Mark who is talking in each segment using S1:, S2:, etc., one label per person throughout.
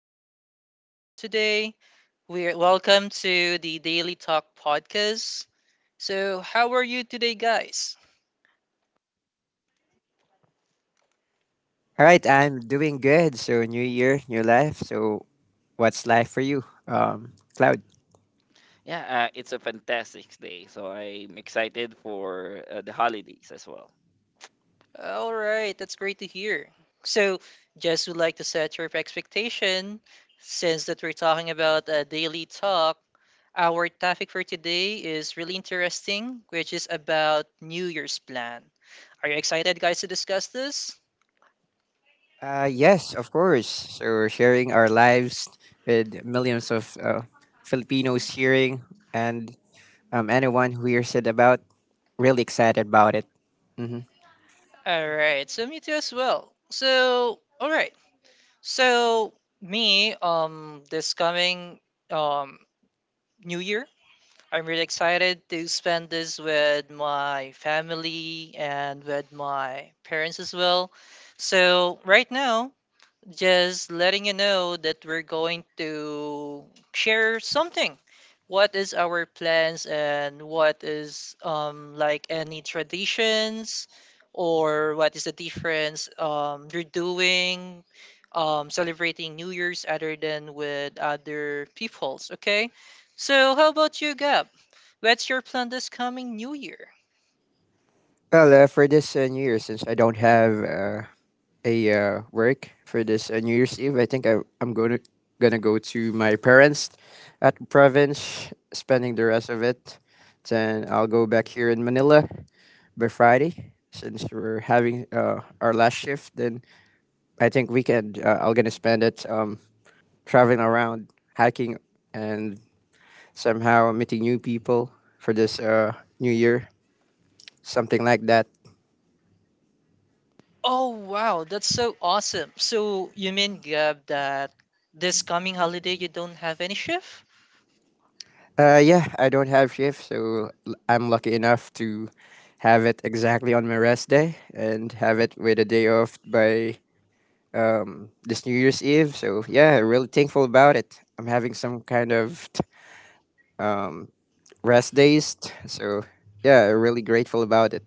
S1: Gab and Cloud today. We're welcome to the Daily Talk podcast. So, how are you today, guys?
S2: All right, I'm doing good. So new year, new life. So what's life for you? Cloud.
S3: Yeah, it's a fantastic day. So I'm excited for the holidays as well.
S1: All right, that's great to hear. So, just would like to set your expectation since that we're talking about a daily talk. Our topic for today is really interesting, which is about New Year's plan. Are you excited, guys, to discuss this?
S2: Yes, of course. So we're sharing our lives with millions of Filipinos hearing and anyone who hears it about really excited about it. Mm-hmm.
S1: All right. So me too as well. So all right. So me this coming um new year, I'm really excited to spend this with my family and with my parents as well. So right now just letting you know that we're going to share something. What is our plans and what is like any traditions or what is the difference you're doing celebrating New Year's other than with other peoples, okay? So how about you, Gab? What's your plan this coming New Year?
S2: Well, for this New Year, since I don't have a work for this New Year's Eve, I think I'm gonna go to my parents at province, spending the rest of it. Then I'll go back here in Manila by Friday, since we're having our last shift. Then I think weekend I'm gonna spend it traveling around, hiking, and somehow meeting new people for this New Year, something like that.
S1: Oh wow, that's so awesome. So you mean Gab that this coming holiday you don't have any shift?
S2: Yeah, I don't have shift, so I'm lucky enough to have it exactly on my rest day and have it with a day off by this New Year's Eve. So yeah, really thankful about it. I'm having some kind of um, rest days, so yeah, really grateful about it.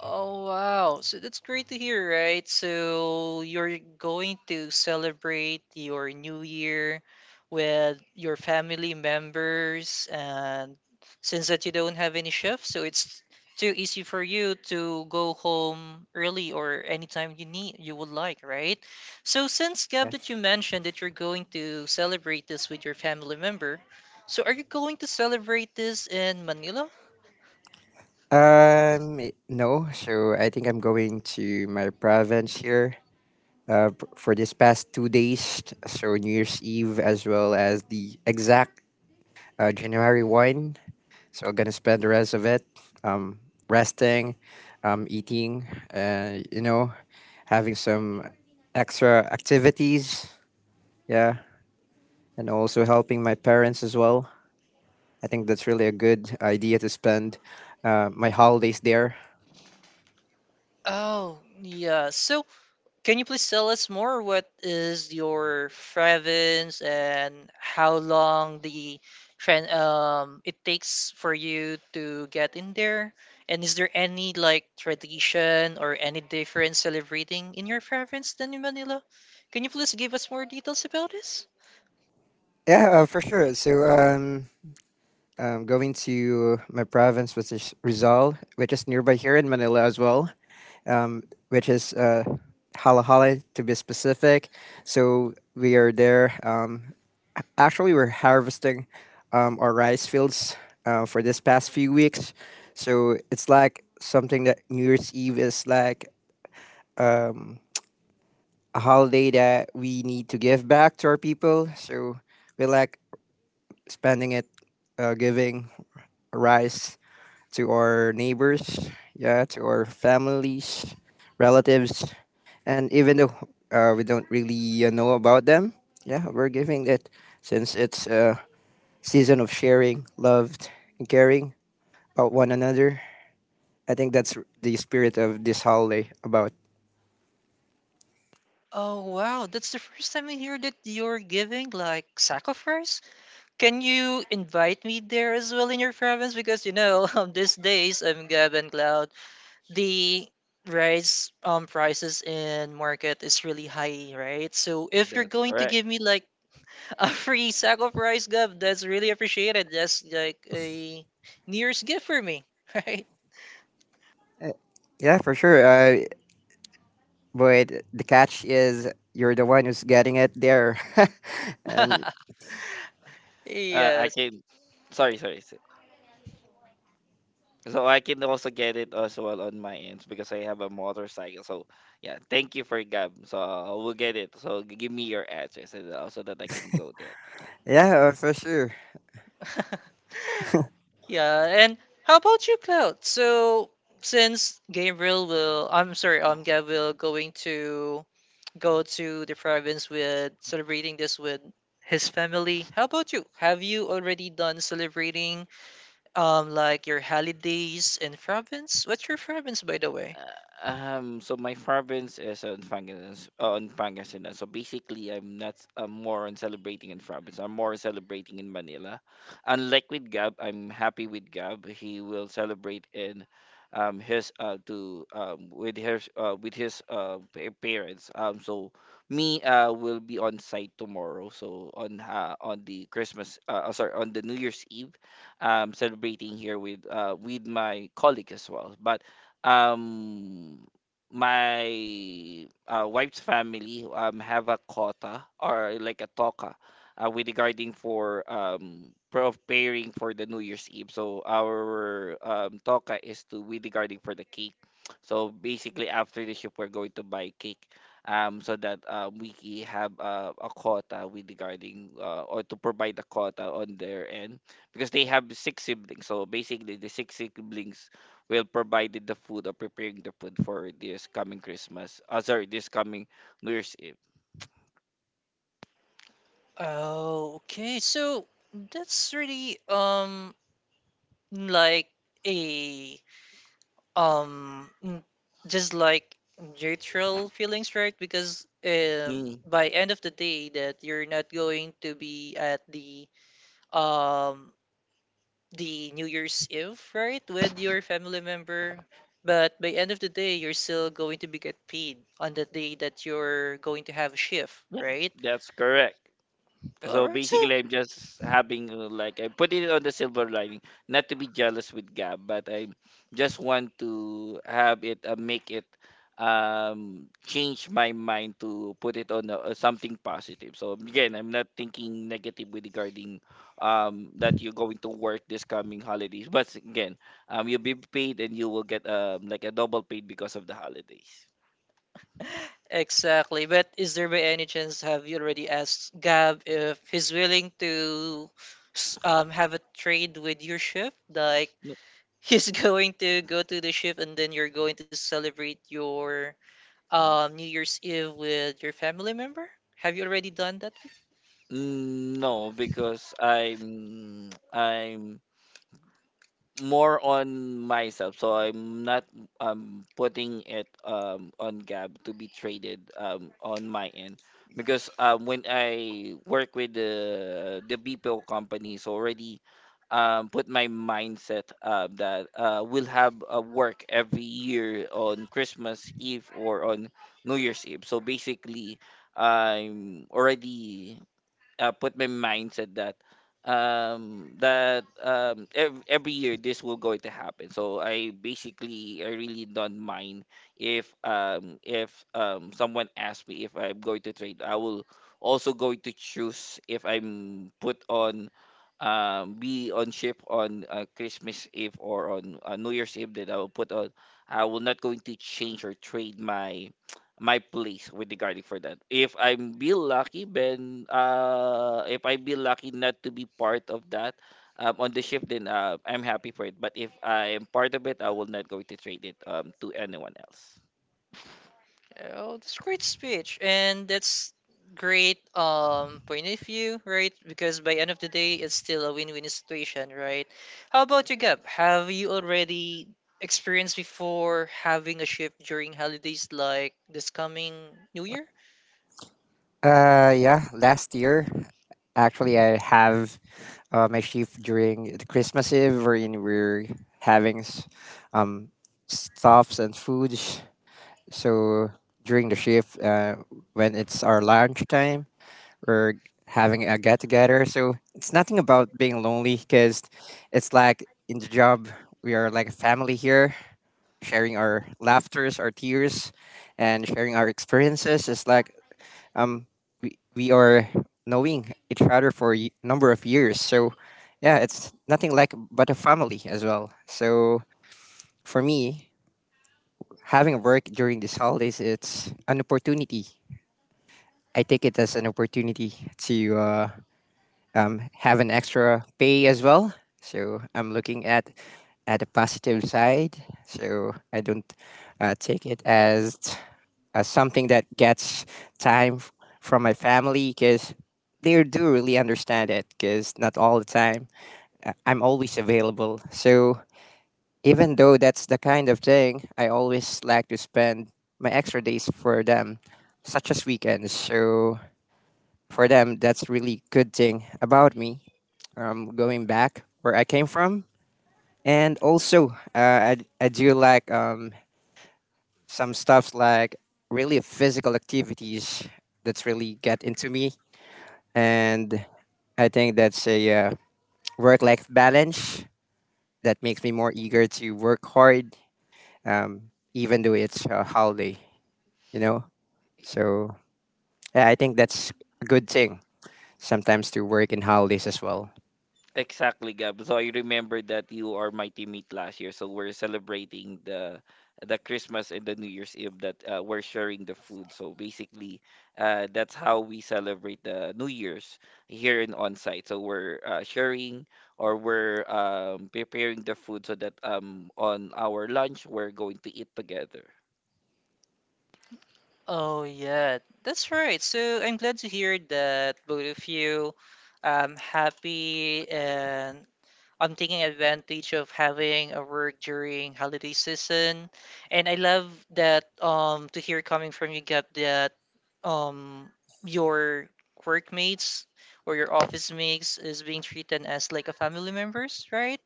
S1: Oh wow. So that's great to hear, right? So you're going to celebrate your new year with your family members, and since that you don't have any shift, so it's too easy for you to go home early or anytime you need you would like, right? So since Gab
S2: Yeah.
S1: that you mentioned that you're going to celebrate this with your family member, so are you going to celebrate this in Manila?
S2: No. So I think I'm going to my province here. For this past 2 days, so New Year's Eve as well as the exact January 1. So I'm going to spend the rest of it um, resting, eating, uh, you know, having some extra activities. Yeah. And also helping my parents as well. I think that's really a good idea to spend my holidays there.
S1: Oh, yeah. So can you please tell us more? What is your province and how long the it takes for you to get in there? And is there any like tradition or any different celebrating in your province than in Manila? Can you please give us more details about this?
S2: Yeah, for sure. So I'm going to my province, which is Rizal, which is nearby here in Manila as well, um, which is Hala Hala to be specific. So we are there. Actually, we're harvesting our rice fields for this past few weeks. So it's like something that New Year's Eve is like um, a holiday that we need to give back to our people. So we like spending it giving rice to our neighbors, yeah, to our families, relatives, and even though we don't really know about them, yeah, we're giving it since it's a season of sharing, loved, and caring about one another. I think that's the spirit of this holiday about.
S1: Oh wow, that's the first time I hear that you're giving like sacrifice. Can you invite me there as well in your province? Because you know, these days I'm Gab and Cloud the rice prices in market is really high, right? So if you're
S3: That's
S1: going to
S3: correct.
S1: give me like a free sack of rice, Gov, that's really appreciated. That's like a New Year's gift for me, right?
S2: Uh, yeah, for sure. But the catch is you're the one who's getting it there. And
S3: I
S1: Yes.
S3: can. Sorry, sorry. So I can also get it as well on my ends because I have a motorcycle. So yeah, thank you for Gab. So I will get it. So give me your address and so that I can go there.
S2: yeah, for sure.
S1: Yeah, and how about you, Cloud? So since Gabriel will, I'm sorry, Gab will going to go to the province with celebrating this with his family. How about you? Have you already done celebrating like your holidays in province? What's your province, by the way?
S3: So my province is on Pangasinan, on Pangasinan. So basically, I'm not. I'm more on celebrating in province. I'm more celebrating in Manila. Unlike with Gab, I'm happy with Gab. He will celebrate in, his to with his pa- parents. So me will be on site tomorrow. So on the Christmas sorry on the New Year's Eve, celebrating here with my colleague as well. um my wife's family have a quota or like a toka, with regarding for preparing for the New Year's Eve. So our toka is to with regarding for the cake. So basically after the ship we're going to buy cake so that have a quota with regarding or to provide a quota on their end because they have six siblings. So basically the six siblings will provided the food or preparing the food for this coming Christmas. Sorry, this coming New Year's Eve.
S1: Oh, okay. So that's really like a um n- just like neutral feelings, right? Because
S3: Mm,
S1: by end of the day that you're not going to be at um the new year's eve, right, with your family member, but by end of the day you're still going to be get paid on the day that you're going to have a shift,
S3: yeah,
S1: right?
S3: that's correct.
S1: All
S3: So
S1: right, so
S3: basically, I'm just having like I put it on the silver lining, not to be jealous with Gab, but I just want to have it, make it change my mind to put it on something positive. So again, I'm not thinking negative with regarding that you're going to work this coming holidays. But again, you'll be paid and you will get like a double paid because of the holidays.
S1: exactly. But is there by any chance have you already asked Gab if he's willing to have a trade with your shift? Like
S3: N-
S1: he's going to go to the shift and then you're going to celebrate your New Year's Eve with your family member? Have you already done that?
S3: No, because I'm I'm more on myself. So I'm not putting it on Gab to be traded on my end because when I work with the BPO companies already put my mindset that we'll have a work every year on Christmas Eve or on New Year's Eve. So basically I'm already put my mindset that every year this will going to happen. So I basically I really don't mind if someone asks me if I'm going to trade, I will also going to choose if I'm put on be on ship on christmas eve or on new year's eve, that I will put on I will not going to change or trade my place with regarding for that. If I'm be lucky, then if I be lucky not to be part of that, on the shift, then I'm happy for it. But if I am part of it, I will not going to trade it to anyone else.
S1: Oh, that's great speech, and that's great point of view, right? Because by end of the day, it's still a win-win situation, right? How about you, Gab? Have you already experienced before having a shift during holidays like this coming New Year?
S2: Yeah, last year, actually, I have my shift during the Christmas Eve, wherein we're having um, stuffs and foods. So during the shift, when it's our lunch time, we're having a get together. So it's nothing about being lonely because it's like in the job, we are like a family here, sharing our laughters, our tears, and sharing our experiences. It's like um we are knowing each other for a number of years, so yeah, it's nothing like but a family as well. So for me, having work during these holidays, it's an opportunity. I take it as an opportunity to have an extra pay as well. So I'm looking at the positive side, so I don't take it as something that gets time from my family because they do really understand it, because not all the time I'm always available. So even though that's the kind of thing, I always like to spend my extra days for them, such as weekends. So for them, that's really good thing about me. Going back where I came from, and also I do like some stuff like really physical activities that's really get into me, and I think that's a uh, work-life balance that makes me more eager to work hard, even though it's a holiday you know so yeah, I think that's a good thing sometimes to work in holidays as well.
S3: Exactly, Gab. So I remember that you are my teammate last year. So we're celebrating the Christmas and the New Year's Eve that we're sharing the food. So basically, that's how we celebrate the New Year's here in on site. So we're sharing or we're preparing the food so that on our lunch we're going to eat together.
S1: Oh yeah, that's right. So I'm glad to hear that both of you happy, and I'm taking advantage of having a work during holiday season, and I love that to hear coming from you, Gab, that um your workmates or your office mates is being treated as like a family members, right?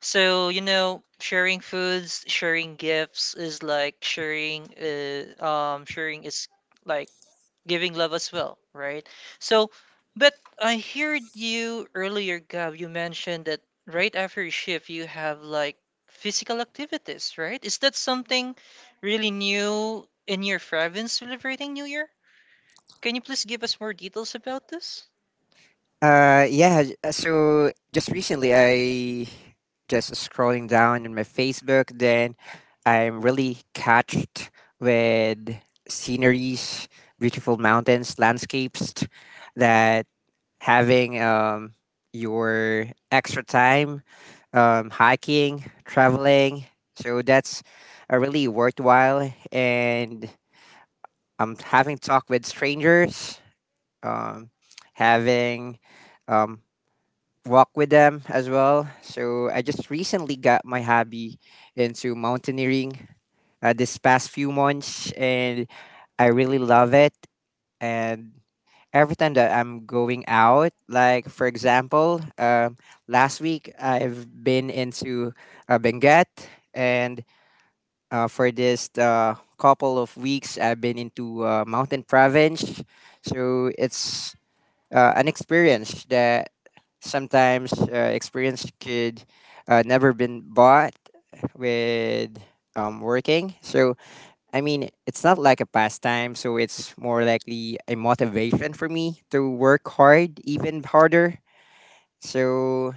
S1: So you know, sharing foods, sharing gifts is like sharing sharing is like giving love as well, right? So, but I heard you earlier, Gab, you mentioned that right after your shift, you have like physical activities, right? Is that something really new in your province celebrating New Year? Can you please give us more details about this?
S2: Yeah. So just recently, I just scrolling down in my Facebook. Then I'm really catched with sceneries, beautiful mountains, landscapes. That having your extra time, hiking, traveling. So that's a really worthwhile. And I'm having talk with strangers. Um, having um walk with them as well. So I just recently got my hobby into mountaineering this past few months, and I really love it. And every time that I'm going out, like for example, last week I've been into Benguet, and for this couple of weeks I've been into Mountain Province. So it's an experience that sometimes experience could never been bought with working. So I mean, it's not like a pastime. So it's more likely a motivation for me to work hard, even harder. So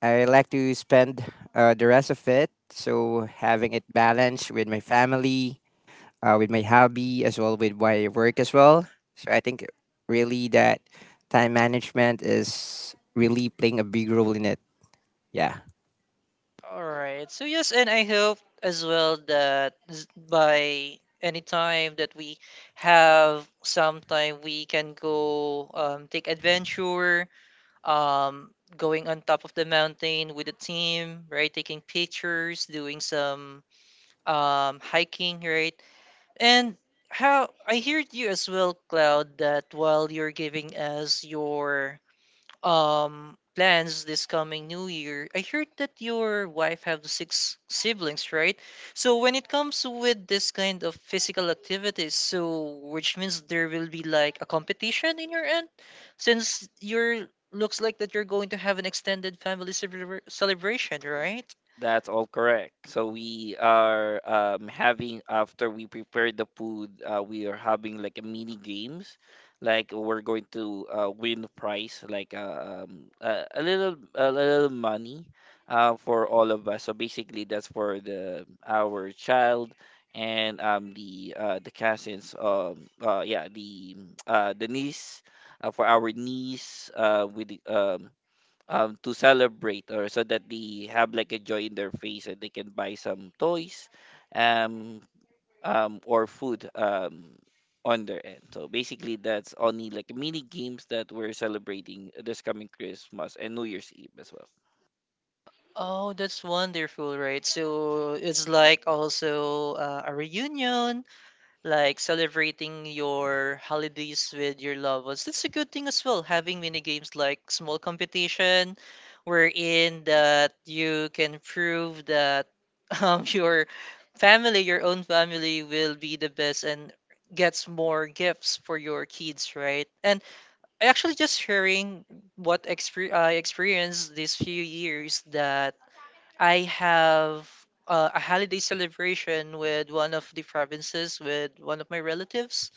S2: I like to spend the rest of it. So having it balanced with my family, with my hobby as well with my work as well. So I think really that time management is really playing a big role in it. Yeah.
S1: All right. So yes, and I hope as well that by any time that we have some time, we can go take adventure, um, going on top of the mountain with the team, right? Taking pictures, doing some hiking, right? And how I heard you as well, Cloud, that while you're giving us your plans this coming new year, I heard that your wife have six siblings, right? So when it comes with this kind of physical activities, so which means there will be like a competition in your end, since you're looks like that you're going to have an extended celebration, right?
S3: That's all correct. So we are having after we prepare the food, we are having like a mini games, like we're going to win a prize, like a little money, for all of us. So basically, that's for the our child and the cousins the niece, for our niece with the, to celebrate or so that they have like a joy in their face and they can buy some toys um or food on their end. So basically that's only like mini games that we're celebrating this coming christmas and new year's eve as well.
S1: Oh, that's wonderful, right? So it's like also a reunion like celebrating your holidays with your loved ones. That's a good thing as well. Having mini games like small competition, wherein that you can prove that your family, your own family, will be the best and gets more gifts for your kids, right? And actually, just sharing what I experienced these few years that I have a holiday celebration with one of the provinces with one of my relatives.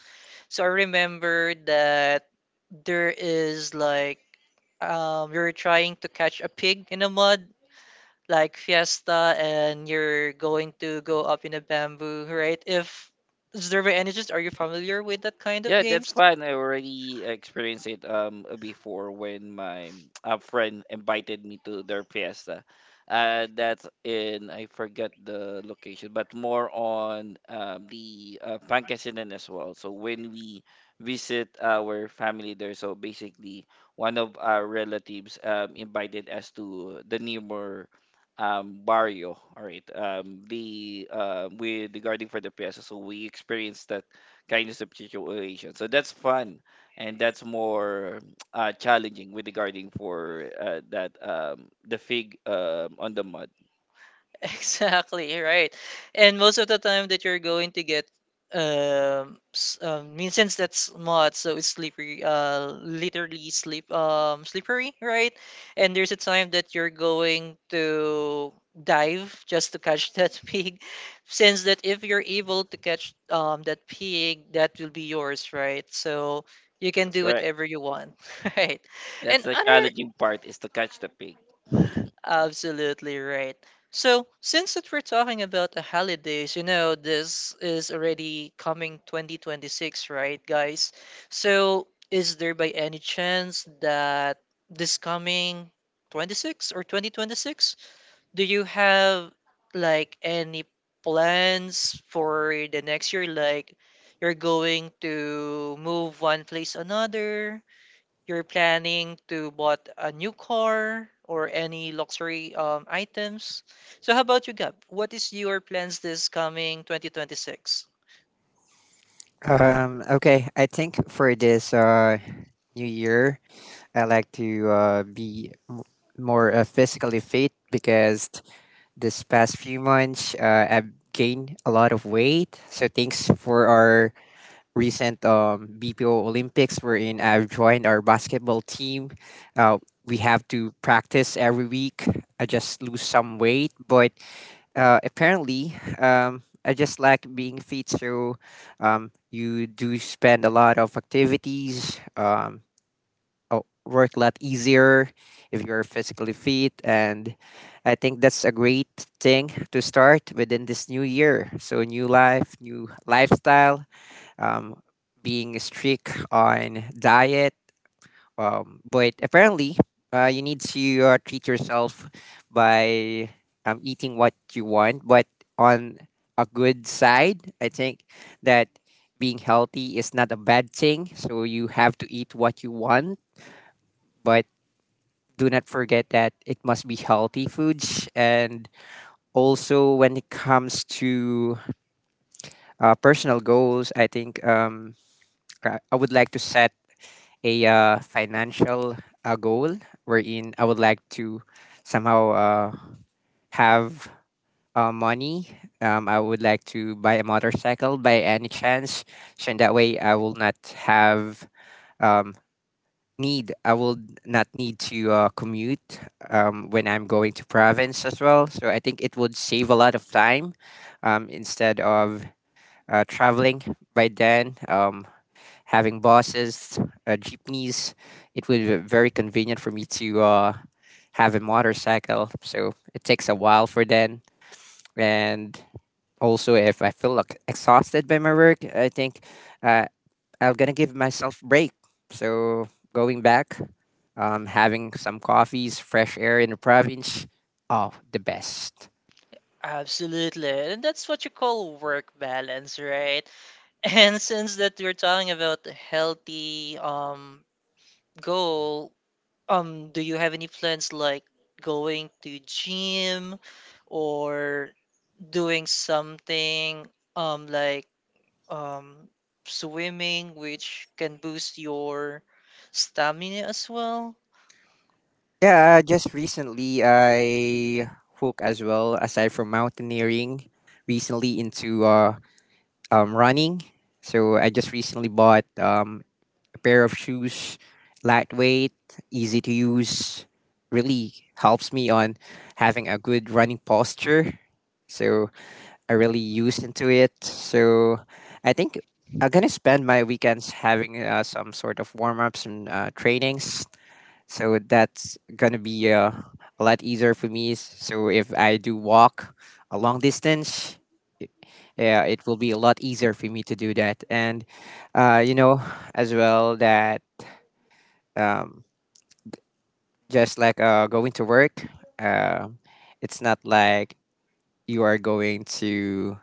S1: So I remember that there is like you're trying to catch a pig in a mud, like fiesta, and you're going to go up in a bamboo, right? If is there by any chance, are you familiar with that kind of
S3: Yeah, that's
S1: games?
S3: fine. I already experienced it before when my a friend invited me to their fiesta. That's in I forgot the location, but more on the Pangasinan as well. So when we visit our family there, so basically one of our relatives invited us to the nearby barrio. All right, the with regarding for the fiesta, so we experienced that kind of situation. So that's fun, and that's more challenging with regarding for that the fig on the mud.
S1: Exactly, right. And most of the time that you're going to get mean since that's mud so it's slippery, literally slippery, right? And there's a time that you're going to dive just to catch that pig, since that if you're able to catch that pig, that will be yours, right? So you can
S3: That's
S1: do
S3: correct.
S1: whatever you want. Right.
S3: That's
S1: And
S3: the
S1: other
S3: challenging part is to catch the pig.
S1: absolutely right. So, since that we're talking about the holidays, you know, this is already coming 2026, right, guys? So, is there by any chance that this coming 26 or 2026, do you have like any plans for the next year? Like, you're going to move one place another, you're planning to bought a new car or any luxury items. So how about you, Gab? What is your plans this coming 2026?
S2: Okay, I think for this new year, I like to be more physically fit because this past few months I've gained a lot of weight. So thanks for our recent BPO Olympics, wherein I've joined our basketball team. Uh, we have to practice every week. I just lose some weight, but apparently, I just like being fit. So you do spend a lot of activities, uh, work a lot easier if you're physically fit. And I think that's a great thing to start within this new year. So, new life, new lifestyle, um, being strict on diet. But apparently, you need to treat yourself by eating what you want. But on a good side, I think that being healthy is not a bad thing. So you have to eat what you want, but do not forget that it must be healthy foods. And also, when it comes to personal goals, I think I would like to set a financial goal wherein I would like to somehow have money. I would like to buy a motorcycle by any chance. So in that way, I will not have um, need. I will not need to commute when I'm going to province as well. So I think it would save a lot of time instead of traveling by then. Having buses, jeepneys, it would be very convenient for me to have a motorcycle. So it takes a while for then. And also, if I feel like exhausted by my work, I think uh, I'm gonna give myself break. So going back, having some coffees, fresh air in the province, oh, the best.
S1: Absolutely. And that's what you call work balance, right? And since that you're talking about healthy goal, do you have any plans like going to gym or doing something like um, swimming, which can boost your stamina as well.
S2: Yeah, just recently I hook as well aside from mountaineering recently into running. So I just recently bought a pair of shoes, lightweight, easy to use, really helps me on having a good running posture. So I really used into it. So I think I'm gonna spend my weekends having some sort of warm ups and trainings, so that's gonna be a lot easier for me. So if I do walk a long distance, it- yeah, it will be a lot easier for me to do that. And uh, you know, as well that um, just like going to work, uh, it's not like you are going to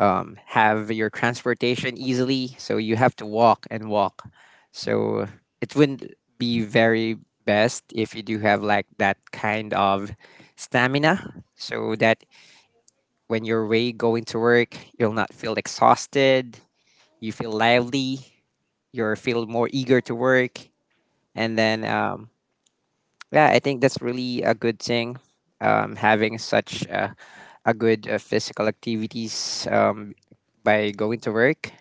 S2: have your transportation easily. So you have to walk and walk. So it wouldn't be very best if you do have like that kind of stamina, so that when you're way going to work, you'll not feel exhausted. You feel lively. You feel more eager to work. And then, yeah, I think that's really a good thing. Having such a good physical activities by going to work.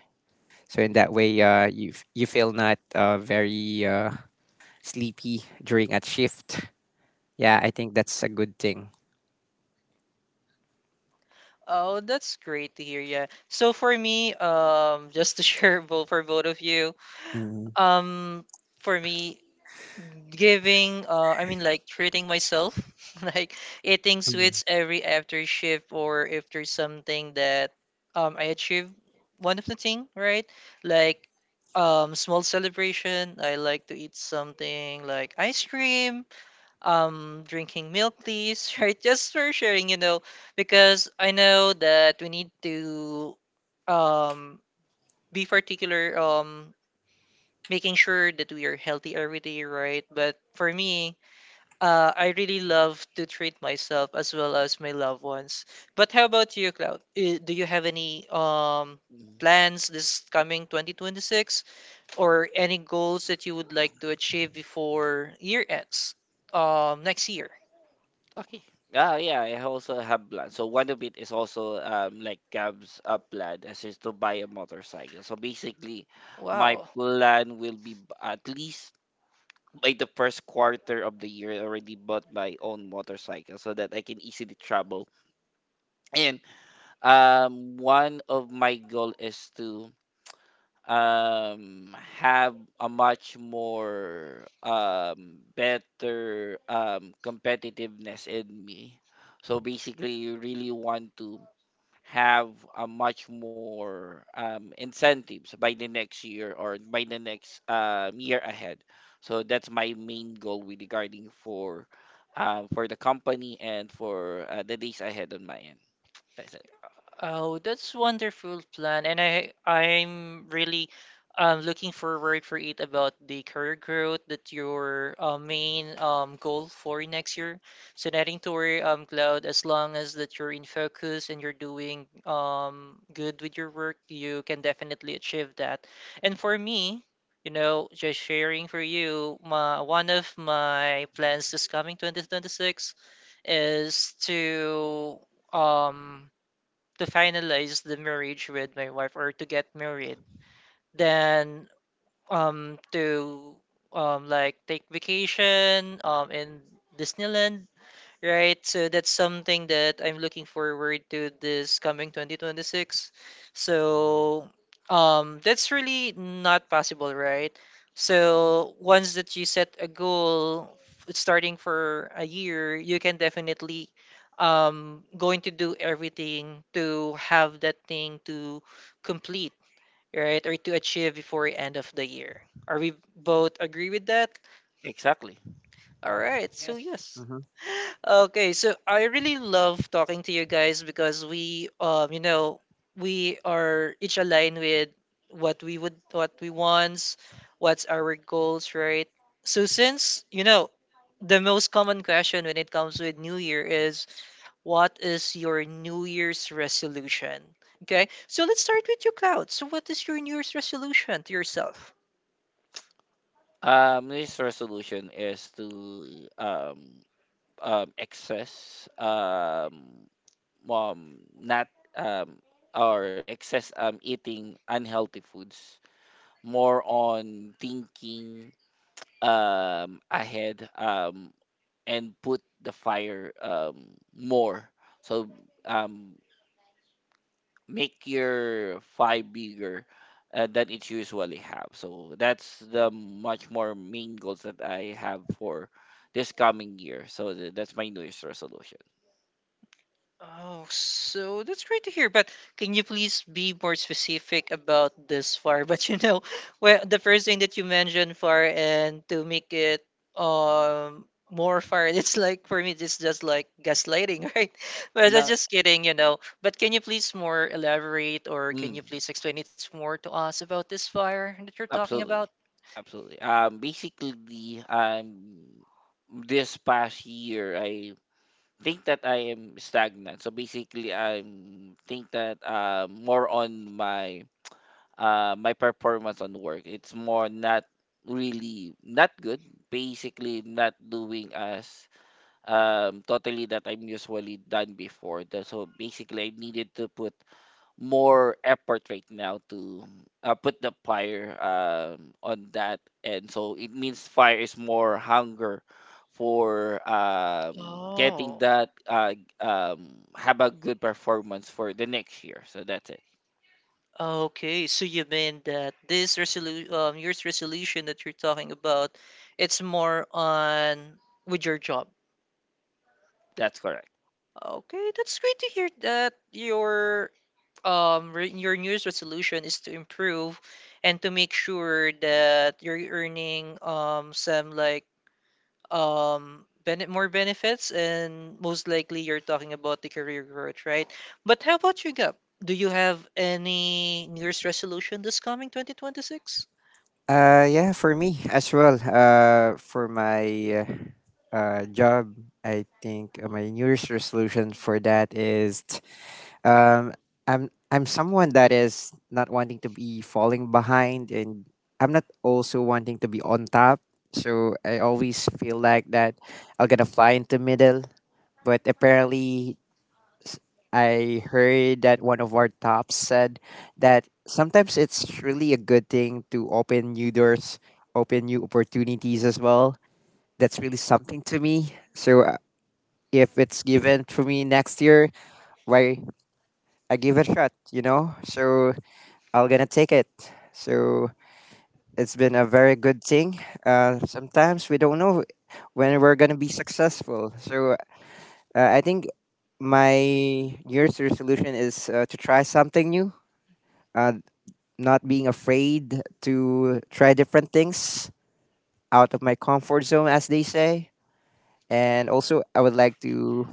S2: So in that way, you feel not very sleepy during a shift. Yeah, I think that's a good thing.
S1: Oh, that's great to hear. Yeah. So for me, just to share both for both of you,
S2: Mhm,
S1: um, for me, giving, I mean, like treating myself, like eating
S2: mhm.
S1: sweets every after shift or if there's something that I achieve, one of the thing, right? Like small celebration. I like to eat something like ice cream, drinking milk please. Right, just for sharing you know, because I know that we need to um be particular, making sure that we are healthy every day, right? But for me, I really love to treat myself as well as my loved ones. But how about you, Cloud? Eh, do you have any
S3: Mhm.
S1: plans this coming 2026 or any goals that you would like to achieve before year ends next year?
S3: Okay. Yeah, I also have plan. So one of it is also like Gab's plan as is to buy a motorcycle. So basically, my
S1: Wow.
S3: plan will be at least by the first quarter of the year already bought my own motorcycle so that I can easily travel. And one of my goal is to have a much more better competitiveness in me. So basically, you really want to have a much more incentives by the next year or by the next year ahead. So that's my main goal with regarding for the company and for the days ahead on my end. That's it.
S1: Oh, that's wonderful plan, and I'm really looking forward for it about the career growth that your main goal for next year. So nothing to worry, Cloud. As long as that you're in focus and you're doing good with your work, you can definitely achieve that. And for me, you know, just sharing for you, my one of my plans this coming 2026 is um to finalize the marriage with my wife or to get married, then to like take vacation in Disneyland, right? So that's something that I'm looking forward to this coming 2026. So that's really not possible, right? So once that you set a goal starting for a year, you can definitely going to do everything to have that thing to complete, right? Or to achieve before end of the year. Are we both agree with that?
S3: Exactly.
S1: All right.
S2: Yes.
S1: So yes.
S2: Hmm.
S1: Okay, so I really love talking to you guys because we, you know, we are each aligned with what we would, what we want, what's our goals, right? So since you know the most common question when it comes with New Year is, what is your New Year's resolution? Okay, so let's start with you, Cloud. So what is your New Year's resolution to yourself?
S3: This resolution is to excess not um, or excess eating unhealthy foods, more on thinking ahead and put the fire more. So um, make your five bigger than it usually have. So that's the much more main goals that I have for this coming year. So that's my New Year's resolution.
S1: Oh, so that's great to hear. But can you please be more specific about this far? But the first thing that you mentioned far, and to make it more far, it's like for me, it's just like gaslighting, right? But
S3: And
S1: that's
S3: now,
S1: just kidding, you know. But can you please more elaborate, or can you
S3: mm,
S1: please explain it more to us about this fire that you're talking about?
S3: absolutely, absolutely. Basically, this past year I think that I am stagnant. So basically, I think that more on my my performance on work. It's more not really not good. Basically, not doing as totally that I'm usually done before. So basically, I needed to put more effort right now to put the fire on that, and so it means fire is more hunger for getting
S1: Oh.
S3: that have a good performance for the next year. So that's it.
S1: Okay, so you mean that this resolution, your resolution that you're talking about, it's more on with your job.
S3: That's correct.
S1: Okay, that's great to hear that your re your new Year's resolution is to improve and to make sure that you're earning some like bene more benefits, and most likely you're talking about the career growth, right? But how about you, Gab? Do you have any New Year's resolution this coming 2026?
S2: Yeah, for me as well. For my job, I think my New Year's resolution for that is Um, I'm someone that is not wanting to be falling behind, and I'm not also wanting to be on top. So I always feel like that I'll gonna fly into middle. But apparently, s- I heard that one of our tops said that sometimes it's really a good thing to open new doors, open new opportunities as well. That's really something to me. So if it's given to me next year, why I give it a shot, you know? So I'm gonna take it. So it's been a very good thing. Sometimes we don't know when we're gonna be successful. So I think my New Year's resolution is to try something new. Uh, not being afraid to try different things out of my comfort zone, as they say. And also, I would like to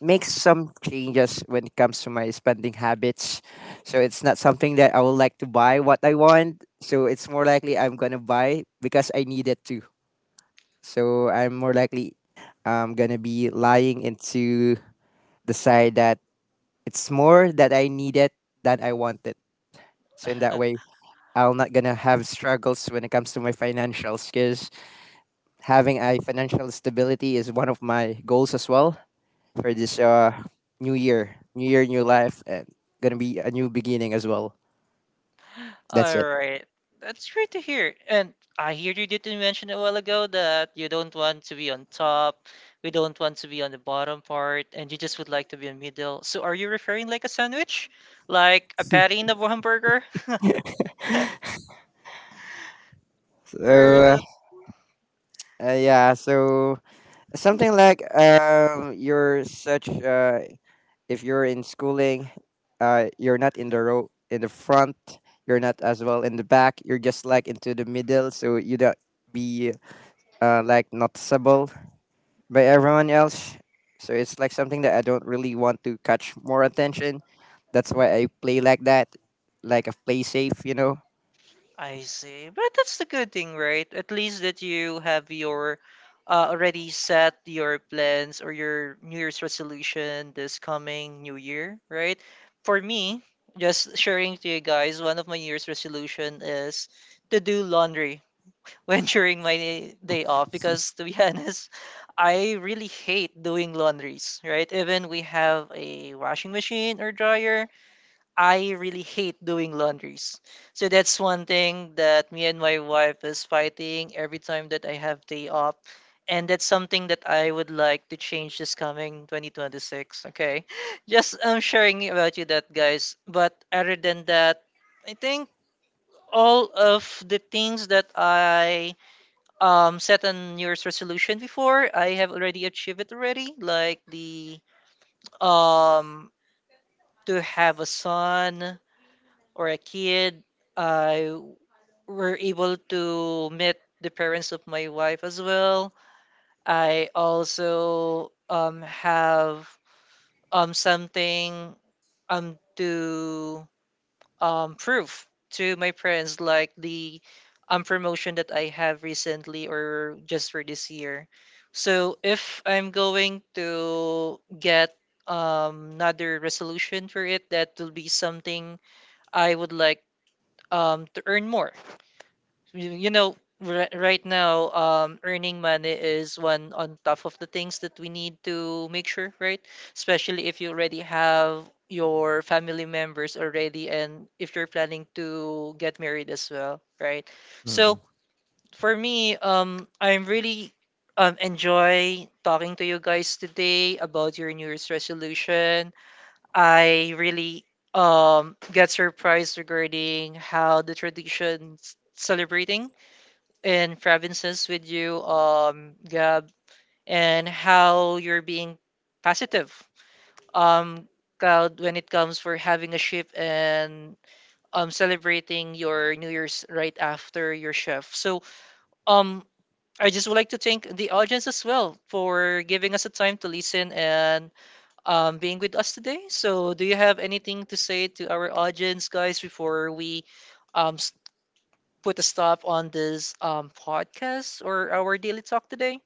S2: make some changes when it comes to my spending habits. So it's not something that I would like to buy what I want. So it's more likely I'm gonna buy because I need it to. So I'm more likely I'm gonna be lying into the side that it's more that I need it than I want it. So in that way, I'm not gonna have struggles when it comes to my financial skills. Having a financial stability is one of my goals as well. For this new year, new year, new life, and gonna be a new beginning as well. That's
S1: All
S2: it.
S1: right. That's great to hear. And I hear you did mention a while ago that you don't want to be on top, we don't want to be on the bottom part, and you just would like to be in middle. So are you referring like a sandwich? Like a patty in a hamburger?
S2: So
S1: You're
S2: uh,
S1: the...
S2: uh, yeah, so something like you're such if you're in schooling, you're not in the row in the front. You're not as well in the back. You're just like into the middle, so you don't be like noticeable by everyone else. So it's like something that I don't really want to catch more attention. That's why I play like that, like a play safe.
S1: I see. But that's the good thing, right? At least that you have your already set your plans or your New Year's resolution this coming New Year, right? For me, just sharing to you guys, one of my New Year's resolution is to do laundry when during my day off, because to be honest, I really hate doing laundries, right? Even we have a washing machine or dryer, I really hate doing laundries. So that's one thing that me and my wife is fighting every time that I have day off. And that's something that I would like to change this coming 2026. Okay. Just sharing about you that, guys. But other than that, I think all of the things that I set on New Year's resolution before, I have already achieved it already. Like the um to have a son or a kid. I were able to meet the parents of my wife as well. I also have something to proof to my friends, like the promotion that I have recently or just for this year. So if I'm going to get another resolution for it, that will be something I would like to earn more. Right now earning money is one on top of the things that we need to make sure, right? Especially if you already have your family members already, and if you're planning to get married as well, right? So
S2: Mm.
S1: for me, I'm really enjoy talking to you guys today about your new year's resolution. I really get surprised regarding how the traditions celebrating in provinces with you, Gab, and how you're being positive, um, Cloud, when it comes for having a shift and celebrating your New Year's right after your shift. So, um, I just would like to thank the audience as well for giving us a time to listen and being with us today. So, do you have anything to say to our audience, guys, before we um, s- put a stop on this podcast or our daily talk today?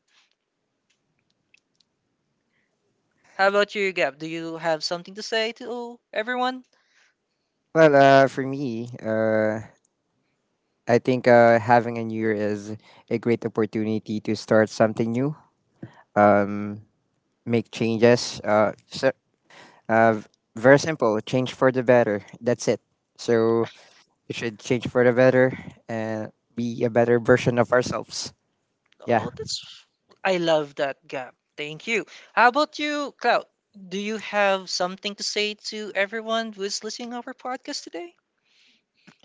S1: How about you, Gab? Do you have something to say to everyone?
S2: Well, for me, I think having a new year is a great opportunity to start something new, um, make changes. Uh, v- very simple, change for the better. That's it. So we should change for the better and be a better version of ourselves. Yeah.
S1: Oh, that's... I love that, Gab. Thank you. How about you, Cloud? Do you have something to say to everyone who is listening our podcast today?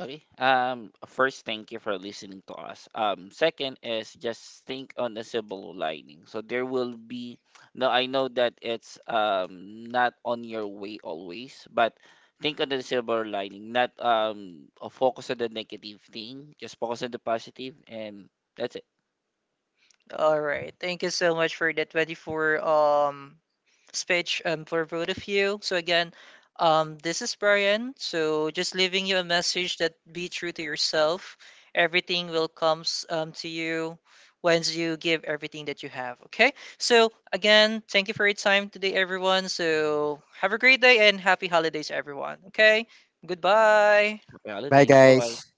S3: Okay. First, thank you for listening to us. Second is just think on the silver lining. So there will be. No, I know that it's not on your way always, but think on the silver lining. Not focus on the negative thing. Just focus on the positive, and that's it.
S1: All right. Thank you so much for the 24 speech for both of you. So again, this is Brian. So just leaving you a message that be true to yourself. Everything will comes to you once you give everything that you have. Okay? So again, thank you for your time today everyone. So have a great day and happy holidays everyone. Okay? Goodbye.
S3: Happy
S2: Bye,
S3: holidays. Bye bye.
S2: guys.